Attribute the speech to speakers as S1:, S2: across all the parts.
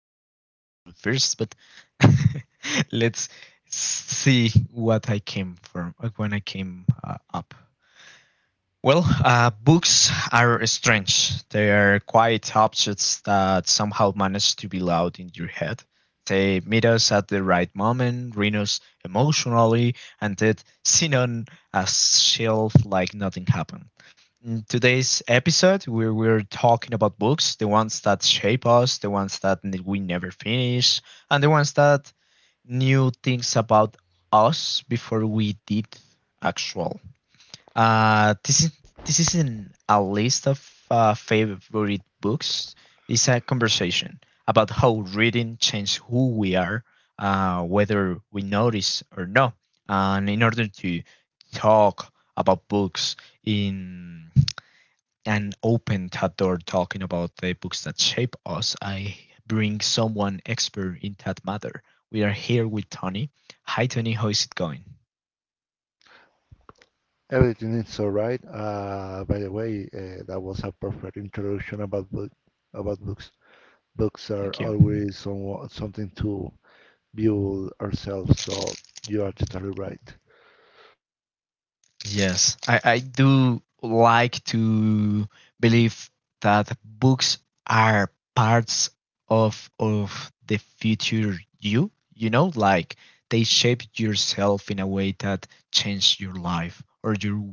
S1: about the introduction first, but let's see what I came from when I came up. Well, books are strange. They are quiet objects that somehow manage to be loud in your head. They meet us at the right moment, read us emotionally, and then sit on a shelf like nothing happened. In today's episode, we're talking about books, the ones that shape us, the ones that we never finish, and the ones that knew things about us before we did actual. Uh, this is this isn't a list of favorite books. It's a conversation about how reading changes who we are, whether we notice or not. And in order to talk about books in an open that door, talking about the books that shape us, I bring someone expert in that matter. We are here with Tony. Hi, Tony. How is it going?
S2: Everything is all right. By the way, that was a perfect introduction about about books. Books are
S1: Thank you.
S2: always something to build ourselves, so you are totally right.
S1: Yes, I do like to believe that books are parts of the future you, you know, like they shape yourself in a way that change your life or your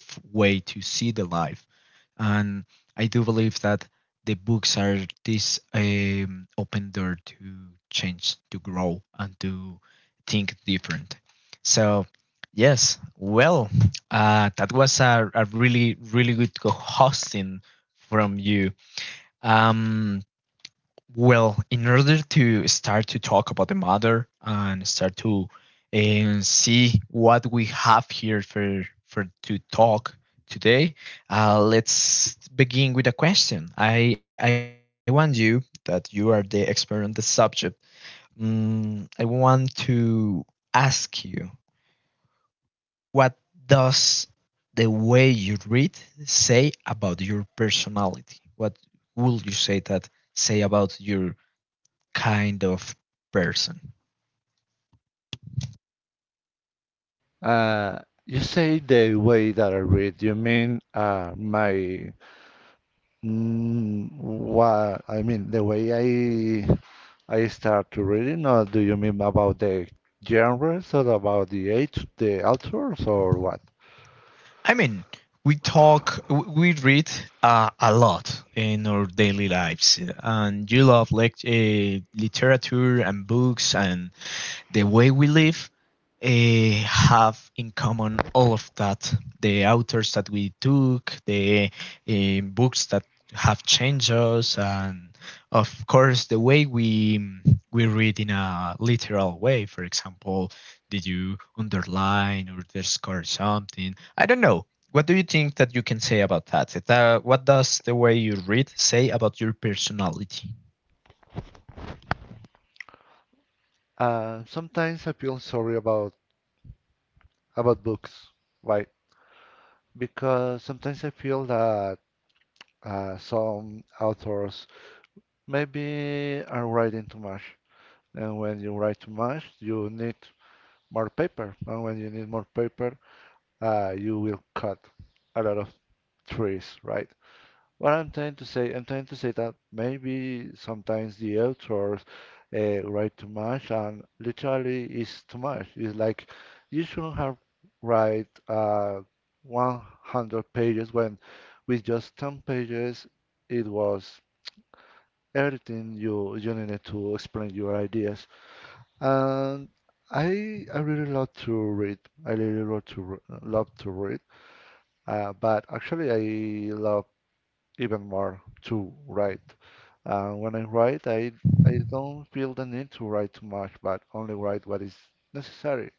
S1: way to see the life. And I do believe that the books are this open door to change, to grow, and to think different. So, yes, well, that was a really good hosting from you. Um, well, in order to start to talk about the matter and start to and see what we have here for to talk today, let's begin with a question. I want you that you are the expert on the subject. I want to ask you what does the way you read say about your personality? What would you say that say about your kind of person?
S2: Uh, you say the way that I read, you mean my mm, what I mean the way I I start to reading, or do you mean about the genres or about the age, the authors, or what?
S1: I mean, we talk, we read a lot in our daily lives, and you love like literature and books and the way we live have in common all of that the authors that we took the books that have changed us and of course the way we read in a literal way, for example, did you underline or underscore something? I don't know, what do you think that you can say about that? What does the way you read say about your personality?
S2: Sometimes I feel sorry about books, right? Because sometimes I feel that some authors maybe are writing too much, and when you write too much, you need more paper, and when you need more paper, you will cut a lot of trees, right? What I'm trying to say, I'm trying to say that maybe sometimes the authors write too much, and literally it's too much. It's like you shouldn't have write 100 pages when with just 10 pages it was everything you needed to explain your ideas. And I really love to read. I really love to read. But actually, I love even more to write. When I write, I don't feel the need to write too much, but only write what is necessary.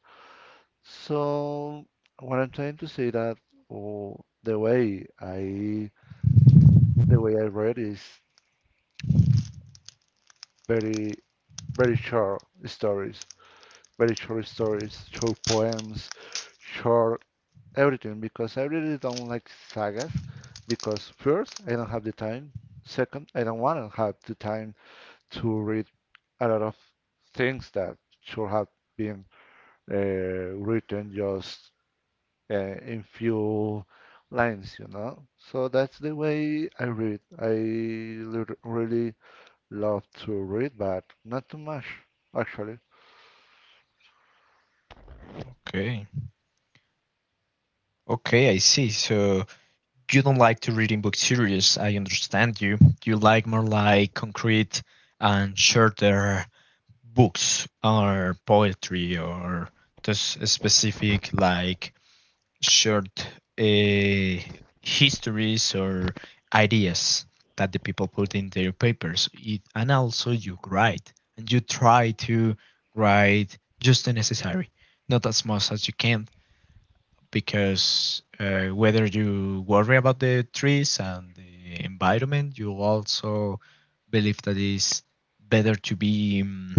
S2: So what I'm trying to say that oh, the way I read is very very short stories, very short stories, short poems, short everything because I really don't like sagas because first I don't have the time, second I don't want to have the time to read a lot of things that should have been written just in few lines, you know. So that's the way I read. I really love to read, but not too much, actually.
S1: Okay, okay, I see. So you don't like to read in book series. I understand you. You like more like concrete and shorter books or poetry or just specific like short uh, histories or ideas that the people put in their papers. It, and also you write and you try to write just the necessary, not as much as you can, because whether you worry about the trees and the environment, you also believe that it's better to be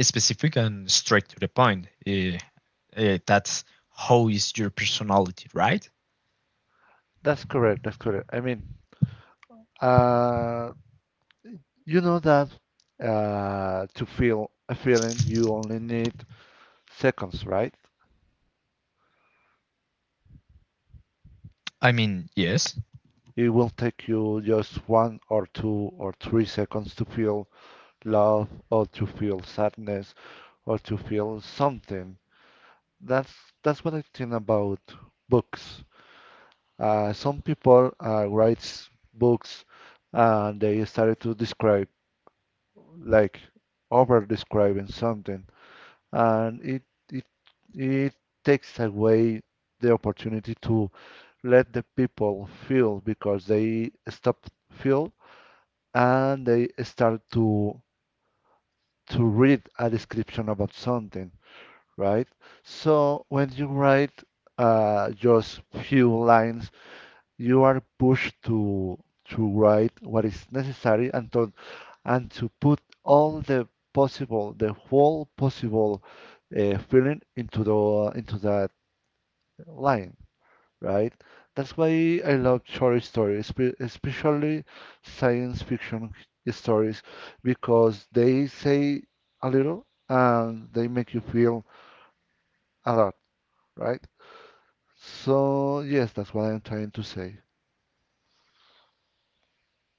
S1: specific and straight to the point. Uh, that's how is your personality, right?
S2: That's correct. That's correct. I mean, uh, you know that to feel a feeling, you only need seconds, right?
S1: I mean, yes.
S2: It will take you just 1 or 2 or 3 seconds to feel love or to feel sadness or to feel something. That's that's what I think about books. Some people writes books and they started to describe like over describing something, and it it takes away the opportunity to let the people feel because they stop feel and they start to read a description about something, right? So when you write just few lines, you are pushed to write what is necessary and to put all the possible, the whole possible feeling into the into that line, right? That's why I love short stories, especially science fiction stories, because they say a little and they make you feel a lot, right? So yes, that's what I'm trying to say.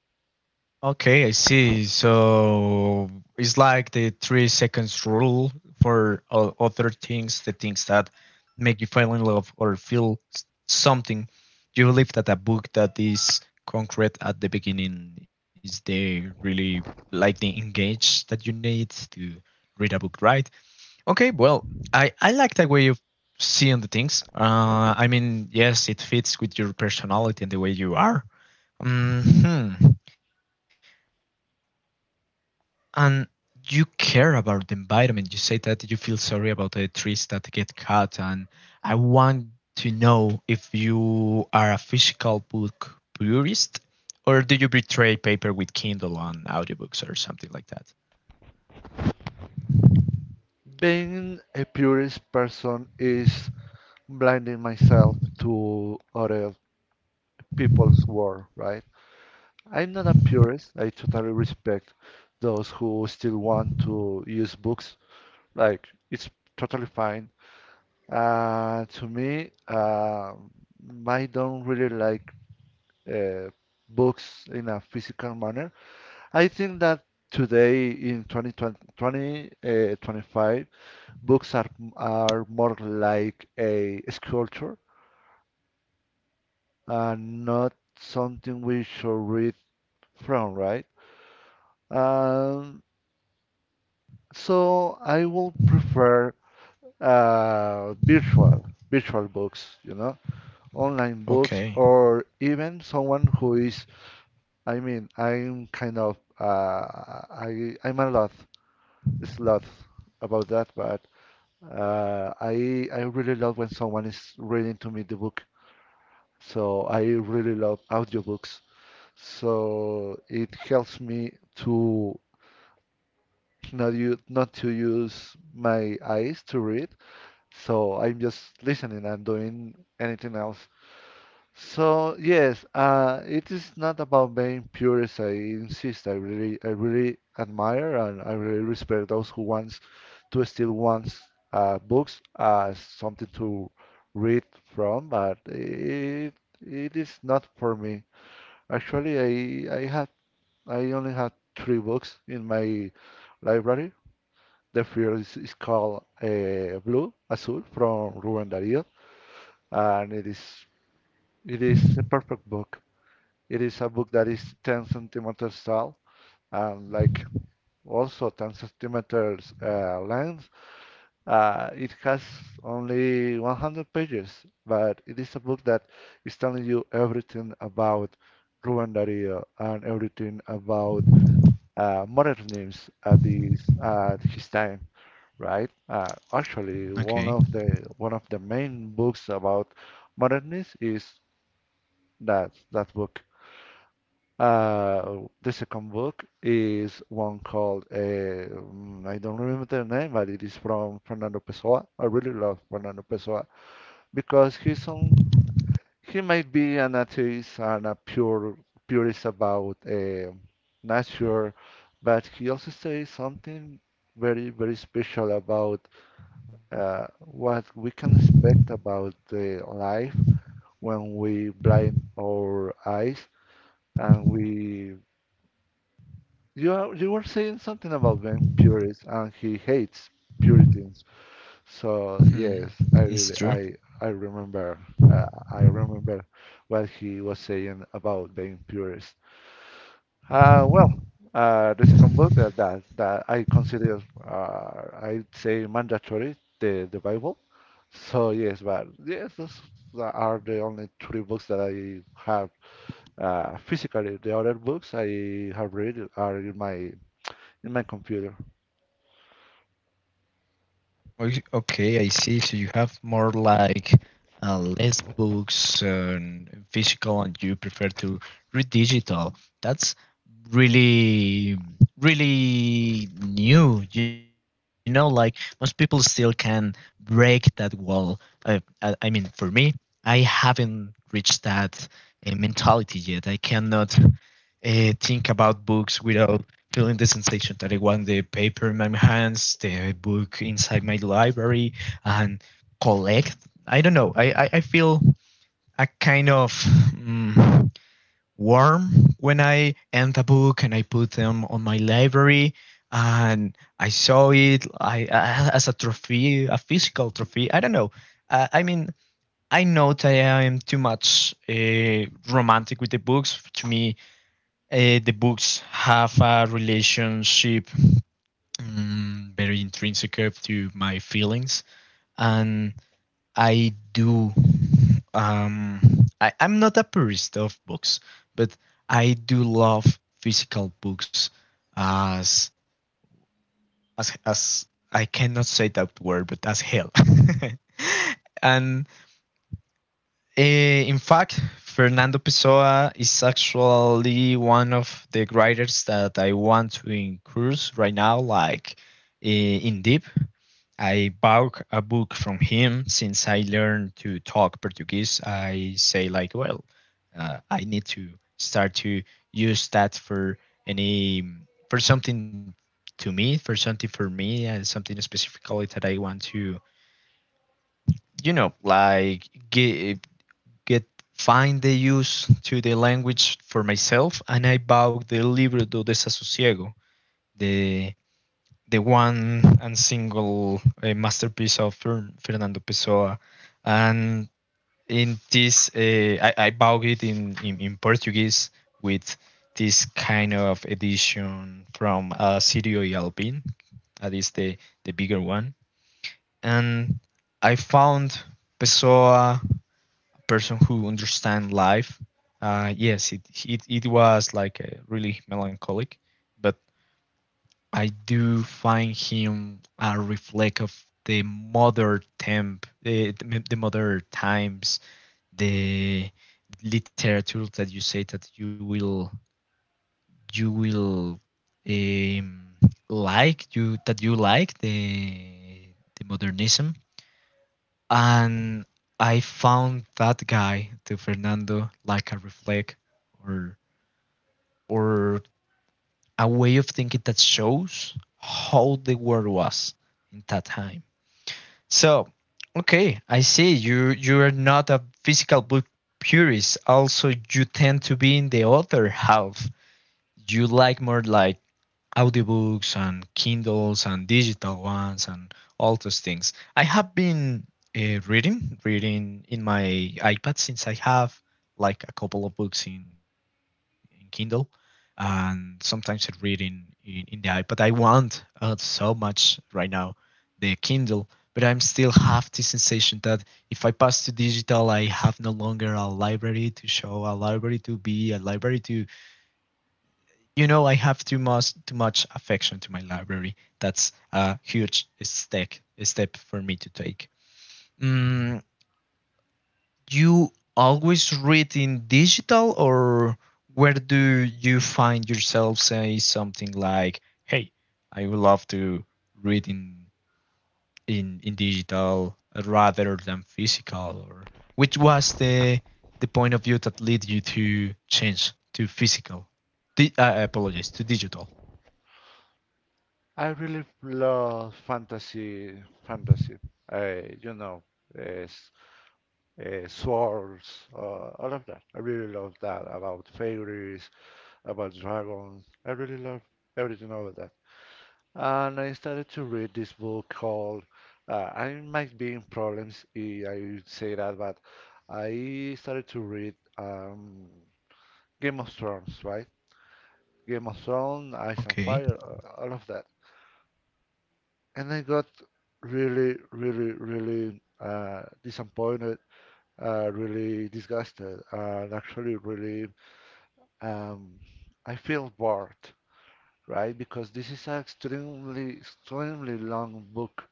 S1: Okay, I see. So it's like the 3 seconds rule for other things, the things that make you fall in love or feel something. You believe that a book that is concrete at the beginning is the really like the engage that you need to read a book, right? Okay, well, I like that way of seeing the things. I mean, yes, it fits with your personality and the way you are. Mhm, and you care about the environment. You say that you feel sorry about the trees that get cut, and I want to know if you are a physical book purist, or do you betray paper with Kindle and audiobooks or something like that?
S2: Being a purist person is blinding myself to other people's world, right? I'm not a purist. I totally respect those who still want to use books. Like it's totally fine. To me, I don't really like uh, books in a physical manner. I think that today in 2020, 25 books are more like a sculpture and not something we should read from, right? Um, so I will prefer virtual books, you know, online books,
S1: Okay,
S2: or even someone who is. I mean, I'm kind of I'm a lot about that, but I really love when someone is reading to me the book. So I really love audiobooks. So it helps me to not to use my eyes to read. So I'm just listening and doing anything else. So yes, it is not about being purist. I insist. I really admire and I really respect those who wants to still wants books as something to read from. But it is not for me. Actually, I I had I only had three books in my library. The first is called Blue Azul from Ruben Darío, and it is a perfect book. It is a book that is 10 centimeters tall and like also 10 centimeters length. It has only 100 pages, but it is a book that is telling you everything about Ruben Darío and everything about modernism at this at his time, right? Actually, one
S1: okay.
S2: of the main books about modernism is that book. The second book is one called I don't remember the name, but it is from Fernando Pessoa. I really love Fernando Pessoa because he might be an atheist and a pure purist about nature, but he also says something very special about what we can expect about the life when we blind our eyes and we you are, you were saying something about being purist and he hates puritans. So
S1: Hmm,
S2: yes,
S1: it's true.
S2: I remember, uh, I remember what he was saying about being purist. Uh, well, the second book that I consider, I'd say mandatory, the Bible. So yes, but yes, those are the only three books that I have physically. The other books I have read are in my computer.
S1: Okay, I see. So you have more like less books and physical, and you prefer to read digital. That's really, really new. You know, like most people still can break that wall. I mean, for me, I haven't reached that mentality yet. I cannot think about books without feeling the sensation that I want the paper in my hands, the book inside my library, and collect. I don't know. I, I feel a kind of warm when I end a book and I put them on my library and I saw it I as a trophy, a physical trophy. I don't know. I mean, I know that I am too much romantic with the books. To me, the books have a relationship very intrinsic to my feelings, and I do um, I, I'm not a purist of books, but I do love physical books as as I cannot say that word but as hell. And, eh, in fact, Fernando Pessoa is actually one of the writers that I want to incurs right now, like in deep. I bought a book from him since I learned to talk Portuguese. I say like, well, I need to start to use that for any for something to me, for something for me, and something specifically that I want to, you know, like give get find the use to the language for myself, and I bought the Libro do Desasosiego, the the one and single masterpiece of Fernando Pessoa, and in this I bought it in Portuguese with this kind of edition from Sirio y Alpin, that is the bigger one, and I found Pessoa person who understand life, yes, it was like really melancholic, but I do find him a reflect of the modern temp the modern times, the literature that you say that you will um, like you that you like the modernism, and I found that guy, the Fernando, like a reflect or or a way of thinking that shows how the world was in that time. So, okay, I see you you are not a physical book purist. Also, you tend to be in the other half. You like more like audiobooks and Kindles and digital ones and all those things. I have been reading, reading in my iPad since I have like a couple of books in Kindle, and sometimes I read in the iPad. I want so much right now the Kindle, but I'm still have the sensation that if I pass to digital, I have no longer a library to show, a library to be, a library to you know I have too much affection to my library. That's a huge step for me to take. Mm, you always read in digital, or where do you find yourself say something like, "Hey, I would love to read in in digital rather than physical," or which was the point of view that led you to change to physical? I apologize to digital.
S2: I really love fantasy, fantasy. Uh, you know, uh, s- swords, all of that. I really love that about fairies, about dragons. I really love everything about that. And I started to read this book called. I might be in problems if I say that, but I started to read Game of Thrones, right? Game of Thrones, Ice and
S1: Okay.
S2: Fire, all of that. And I got really, really, really disappointed, really disgusted, and actually really um, I feel bored, right? Because this is an extremely, extremely long book,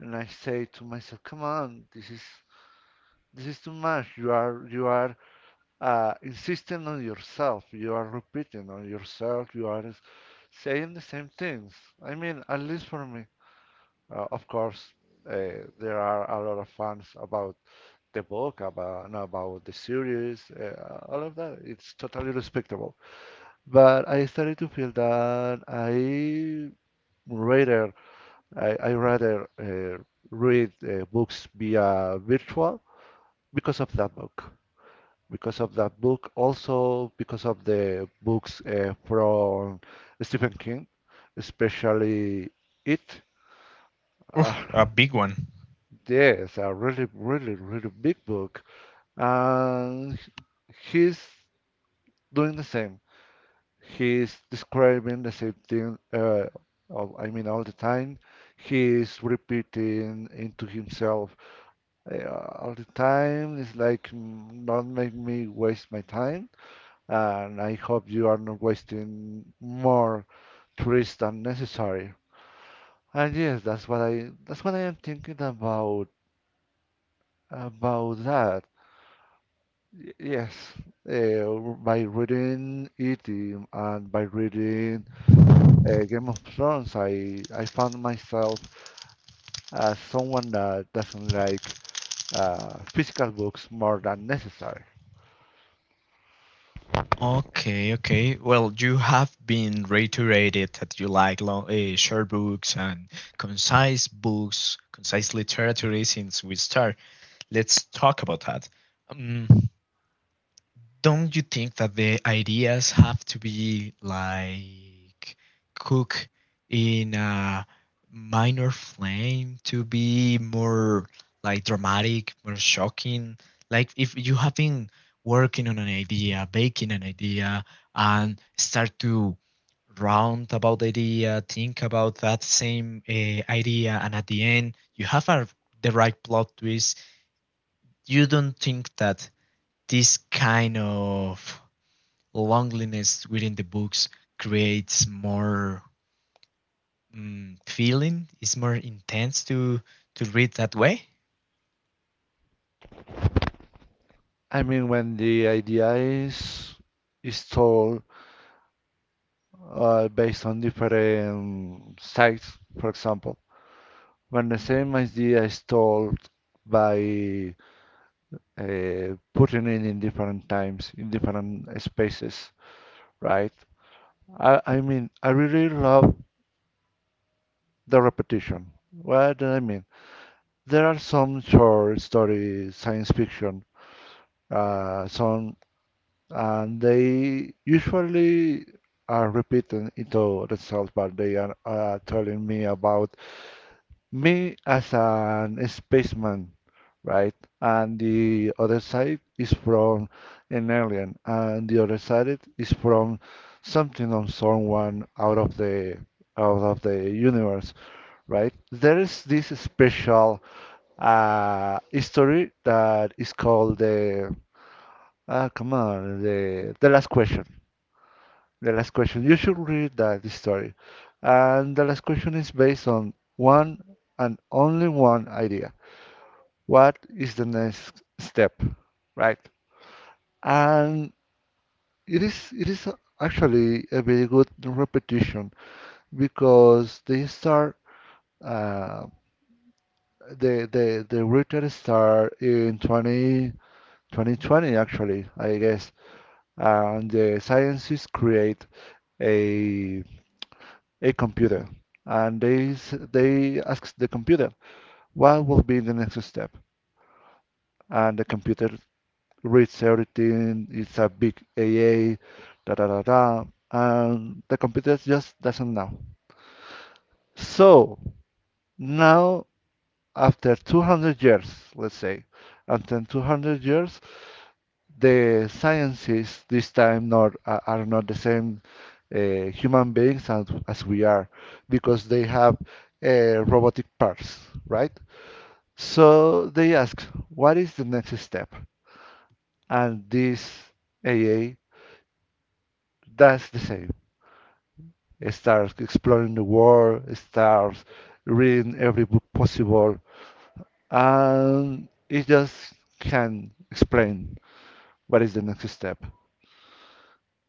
S2: and I say to myself, "Come on, this is too much. You are insisting on yourself. You are repeating on yourself. You are saying the same things. I mean, at least for me." Of course, there are a lot of fans about the book, about the series, all of that. It's totally respectable. But I started to feel that rather I rather read books via virtual because of that book. Because of that book, also because of the books from Stephen King, especially It.
S1: Oof, a
S2: Uh,
S1: big one.
S2: Yes, a really, really, really big book. And he's doing the same. He's describing the same thing, I mean, all the time. He's repeating into himself uh, all the time. It's like, "Mm, don't make me waste my time. And I hope you are not wasting more trees than necessary. And yes, that's what I am thinking about that. Yes, uh, by reading it, and by reading Game of Thrones, I found myself as someone that doesn't like physical books more than necessary.
S1: Okay, okay. Well, you have been reiterated that you like long, short books and concise books, concise literature since we start. Let's talk about that. Um, don't you think that the ideas have to be like cook in a minor flame to be more like dramatic, more shocking? Like if you have been working on an idea, baking an idea, and start to round about the idea, think about that same idea, and at the end you have a, the right plot twist. You don't think that this kind of loneliness within the books creates more feeling. It's more intense to read that way.
S2: I mean, when the idea is told based on different sites, for example, when the same idea is told by putting it in different times, in different spaces, right? I mean, I really love the repetition. What do I mean? There are some short stories, science fiction, uh, some, and they usually are repeating into themselves, but they are telling me about me as an spaceman, right? And the other side is from an alien, and the other side it is from something or someone out of the universe, right? There is this special story that is called the ah come on the last question. The last question. You should read that story. And the last question is based on one and only one idea. What is the next step, right? And it is actually a very good repetition because they start, uh, the router start in 20 2020, actually, I guess. And the scientists create a a computer, and they ask the computer what will be the next step, and the computer reads everything, it's a big AA, da da da da, and the computer just doesn't know. So now, after 200 years, let's say after 200 years, the sciences this time not are not the same human beings as we are, because they have robotic parts, right? So they ask, what is the next step? And this AA does the same. It starts exploring the world, it starts reading every book possible, and it just can explain what is the next step.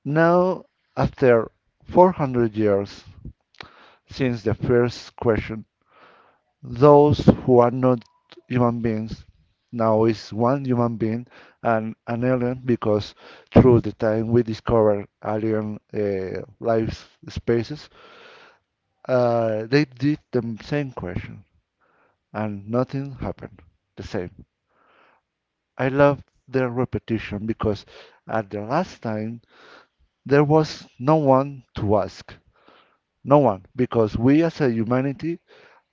S2: Now, after 400 years since the first question. Those who are not human beings now is one human being and an alien because through the time we discover alien life spaces, they did the same question and nothing happened the same. I love their repetition because at the last time there was no one to ask. No one, because we as a humanity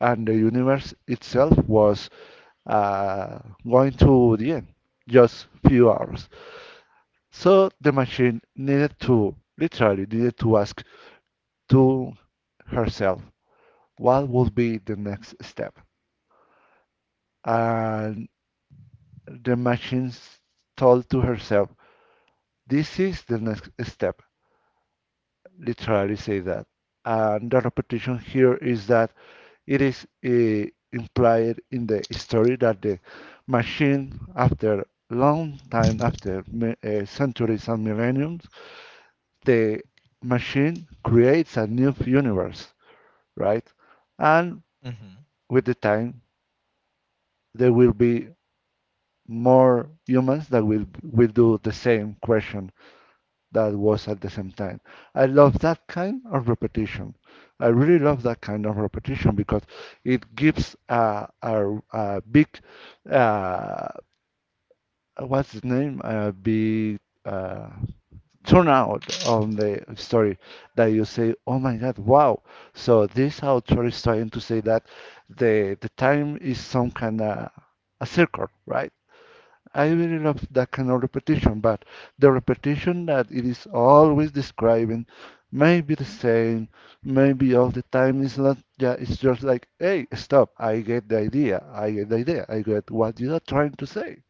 S2: and the universe itself was uh, going to the end, just few hours. So the machine needed to literally needed to ask to herself what would be the next step. And the machine told to herself, this is the next step. Literally say that. And the repetition here is that it is implied in the story that the machine, after long time, after centuries and millenniums, the machine creates a new universe, right? And
S1: Hmm.
S2: with the time, there will be more humans that will do the same question that was at the same time. I love that kind of repetition. I really love that kind of repetition because it gives a big, uh, what's the name? A big uh, turnout on the story that you say, oh my God, wow. So this author is trying to say that the time is some kind of a circle, right? I really love that kind of repetition, but the repetition that it is always describing, may be the same, maybe all the time, it's not, yeah, it's just like, hey, stop, I get the idea, I get the idea, I get what you are trying to say.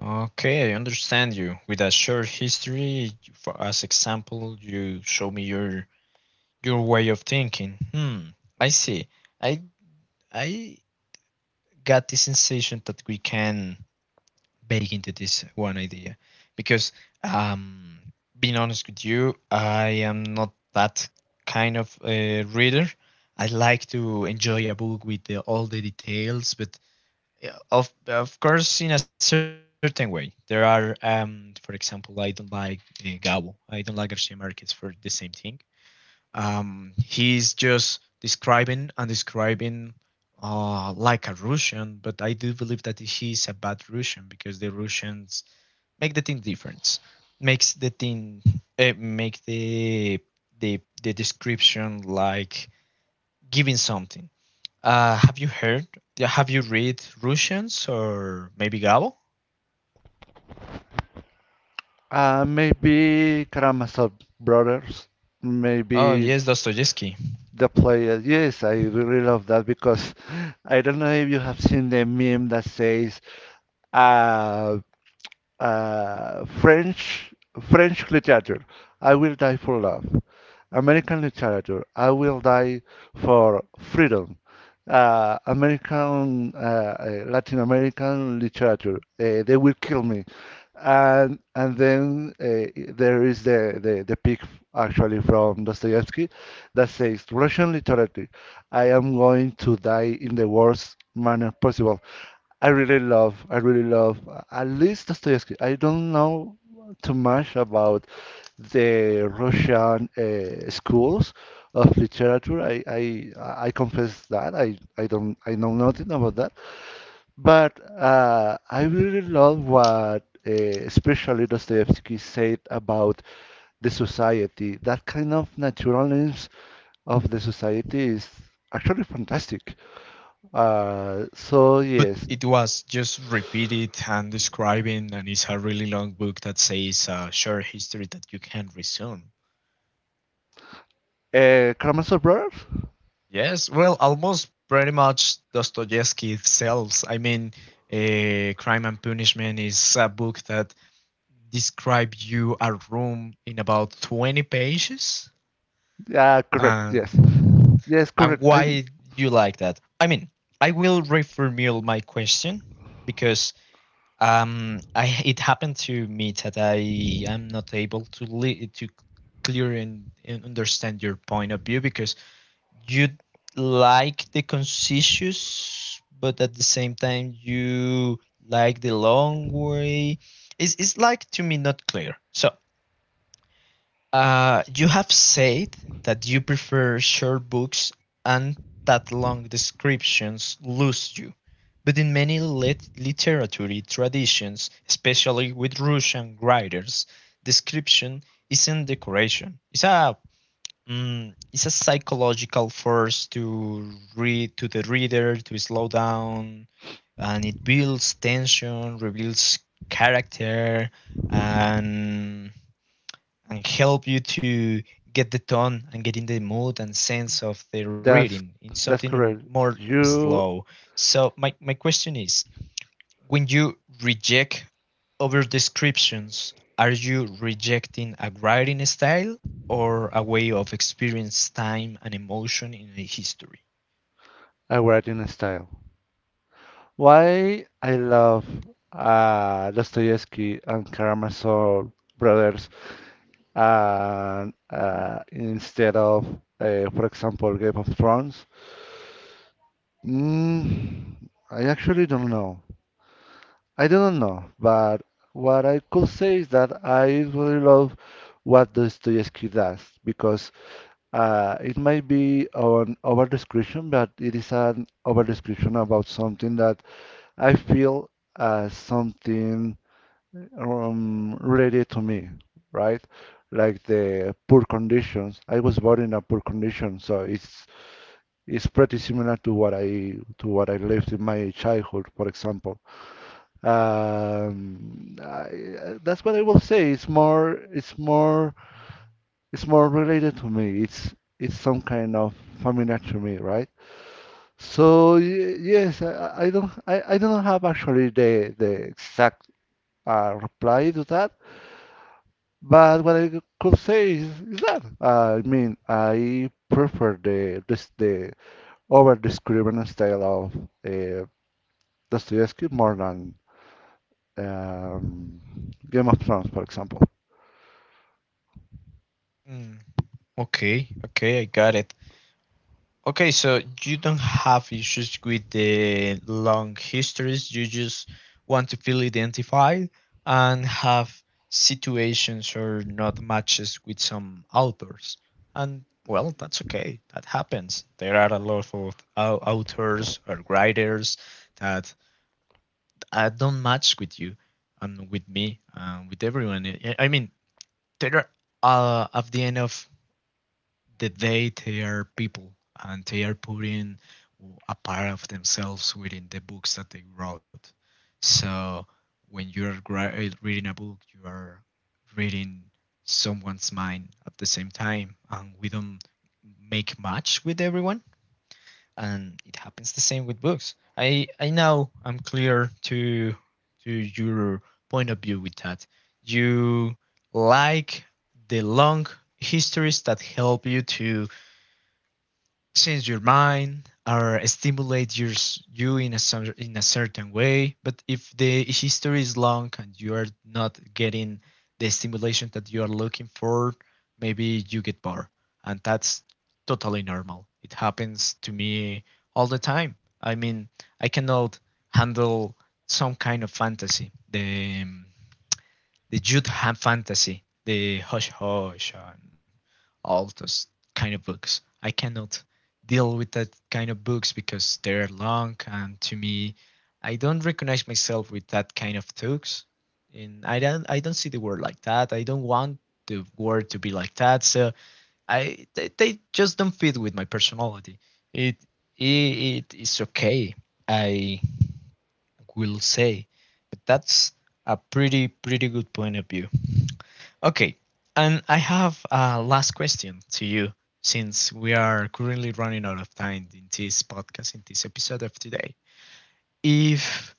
S1: Okay, I understand you. With a short history, for as example, you show me your way of thinking. Hmm, I see. I I got the sensation that we can bake into this one idea because um being honest with you, I am not that kind of reader. I like to enjoy a book with the, all the details, but of course in a certain way there are for example I don't like Gabo, I don't like Garcia Marquez for the same thing. He's just describing and describing like a Russian, but I do believe that he's a bad Russian because the Russians make the thing different, makes the thing make the description like giving something. Have you heard? Have you read Russians or maybe Gabo?
S2: Maybe Karamazov Brothers,
S1: Oh
S2: maybe
S1: yes, Dostoevsky.
S2: the player. Yes, I really love that because I don't know if you have seen the meme that says, uh, French French literature, I will die for love. American literature, I will die for freedom. American Latin American literature, they will kill me. And then there is the pic actually from Dostoevsky that says Russian literature, I am going to die in the worst manner possible. I really love, at least Dostoevsky. I don't know too much about the Russian schools of literature. I confess that I don't, I know nothing about that. But I really love what especially Dostoevsky said about the society. That kind of naturalness of the society is actually fantastic. So
S1: But
S2: yes,
S1: it was just repeated and describing, and it's a really long book that says a short history that you can resume.
S2: Karamazov Brothers.
S1: Yes, well, almost pretty much Dostoevsky sells, I mean, Crime and Punishment is a book that describes you a room in about 20 pages.
S2: Yeah, correct. Yes.
S1: and
S2: Yes,
S1: and
S2: correct. I'm
S1: why you like that? I mean, I will reformulate my question, because I it happened to me that I am not able to to clear and understand your point of view, because you like the conscious, but at the same time you like the long way. It's like to me not clear. So you have said that you prefer short books and that long descriptions lose you. But in many literary traditions, especially with Russian writers, description isn't decoration. It's a it's a psychological force to read to the reader to slow down, and it builds tension, reveals character, and help you to get the tone and get in the mood and sense of the reading
S2: that's
S1: in
S2: that's
S1: something
S2: correct.
S1: more
S2: You
S1: slow. So my question is, when you reject over descriptions, are you rejecting a writing style or a way of experience time and emotion in a history?
S2: are right in style. Why I love uh, Dostoevsky and Karamazov brothers and instead of for example Game of Thrones. Mm, I actually don't know. I don't know, but what I could say is that I really love what Dostoevsky does because it might be an over description, but it is an over description about something that I feel as something related to me, right? Like the poor conditions. I was born in a poor condition, so it's pretty similar to what I lived in my childhood, for example. That's what I will say. It's more related to me. It's some kind of familiar to me, right? So yes, I don't have actually the exact reply to that, but what I could say is that I mean I prefer the over description style of uh, Dostoevsky more than um, Game of Thrones, for example.
S1: Mm, okay, okay, I got it. Okay, so you don't have issues with the long histories. You just want to feel identified and have situations or not matches with some authors. And well, that's okay. That happens. There are a lot of authors or writers that don't match with you and with me and with everyone. I mean, there are, at the end of the day they are people, and they are putting a part of themselves within the books that they wrote. So when you're reading a book, you are reading someone's mind at the same time, and we don't make match with everyone. And it happens the same with books. I know I'm clear to your point of view with that. You like the long histories that help you to change your mind or stimulate you in a in a certain way. But if the history is long and you are not getting the stimulation that you are looking for, maybe you get bored, and that's totally normal. It happens to me all the time. I mean, I cannot handle some kind of fantasy, the youth have fantasy, the hush hush, and all those kind of books. I cannot deal with that kind of books because they're long, and to me I don't recognize myself with that kind of talks. And I don't see the world like that. I don't want the world to be like that. So I they just don't fit with my personality. It it is okay, I will say. But that's a pretty good point of view. Okay, and I have a last question to you, since we are currently running out of time in this podcast, in this episode of today. If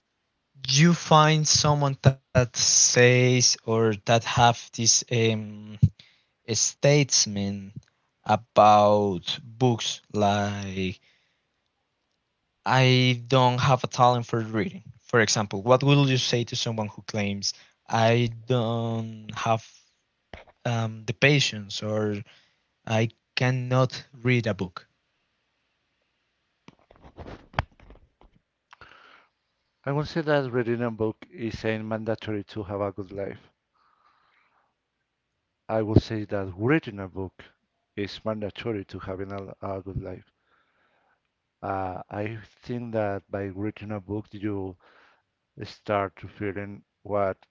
S1: you find someone that says or that have this statement about books like, I don't have a talent for reading. For example, what will you say to someone who claims, I don't have the patience, or I cannot read a book?
S2: I would say that reading a book isn't mandatory to have a good life. I would say that reading a book is mandatory to having a good life. I think that by reading a book, you start to feeling what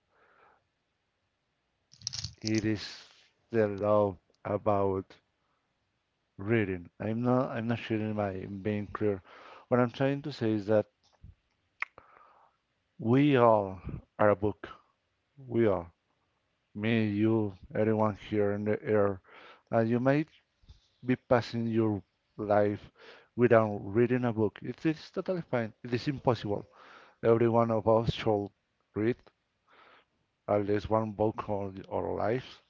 S2: it is the love about reading. I'm not sure if I'm being clear. What I'm trying to say is that we all are a book. We all, me, you, everyone here in the air. You might be passing your life without reading a book. It is totally fine. It is impossible. Every one of us should read at least one book on our lives.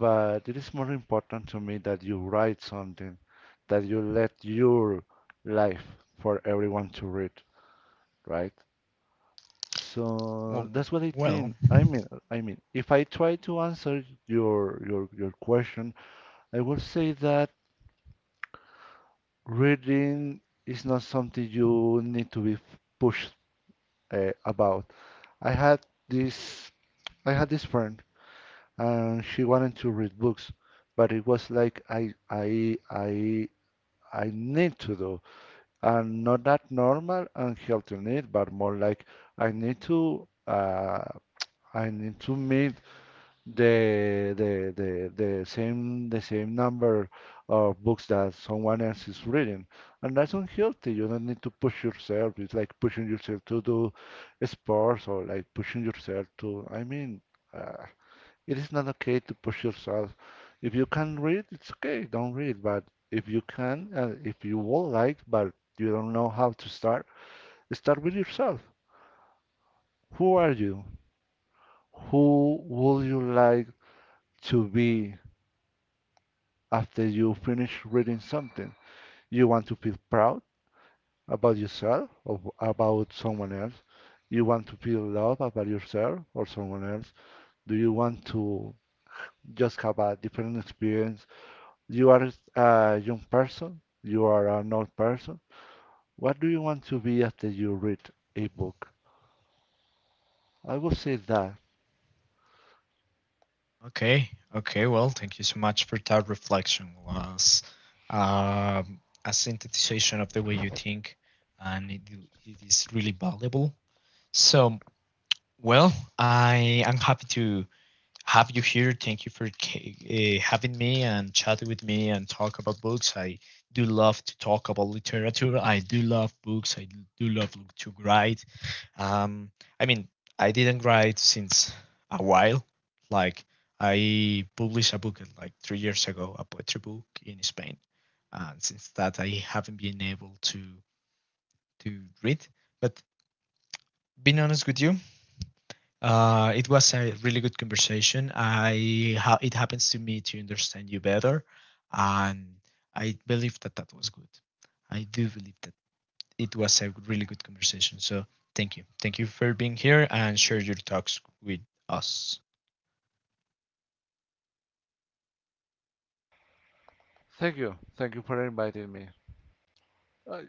S2: But it is more important to me that you write something, that you let your life for everyone to read, right?
S1: Well,
S2: So that's what I
S1: well,
S2: think. I mean, if I try to answer your question, I will say that. Reading is not something you need to be pushed about. I had this I had this friend and she wanted to read books, but it was like I need to do and not that normal and healthy need, but more like I need to uh, I need to meet the same number of books that someone else is reading, and that's unhealthy. You don't need to push yourself. It's like pushing yourself to do sports or like pushing yourself to. Uh, it is not okay to push yourself. If you can read, it's okay. Don't read. But if you can, if you would like, but you don't know how to start, start with yourself. Who are you? Who would you like to be? After you finish reading something. You want to feel proud about yourself or about someone else. You want to feel love about yourself or someone else. Do you want to just have a different experience? You are a young person. You are an old person. What do you want to be after you read a book? I will say that.
S1: okay, okay. Well, thank you so much for that reflection. Was a synthesization of the way you think, and it is really valuable. So, well, I am happy to have you here. Thank you for having me and chatting with me and talk about books. I do love to talk about literature. I do love books. I do love to write. Um, I mean, I didn't write since a while. Like I published a book like 3 years ago, a poetry book in Spain, and since that I haven't been able to read. But being honest with you, it was a really good conversation. I it happens to me to understand you better, and I believe that that was good. I do believe that it was a really good conversation. So thank you for being here and share your talks with us.
S2: Thank you. Thank you for inviting me. Uh,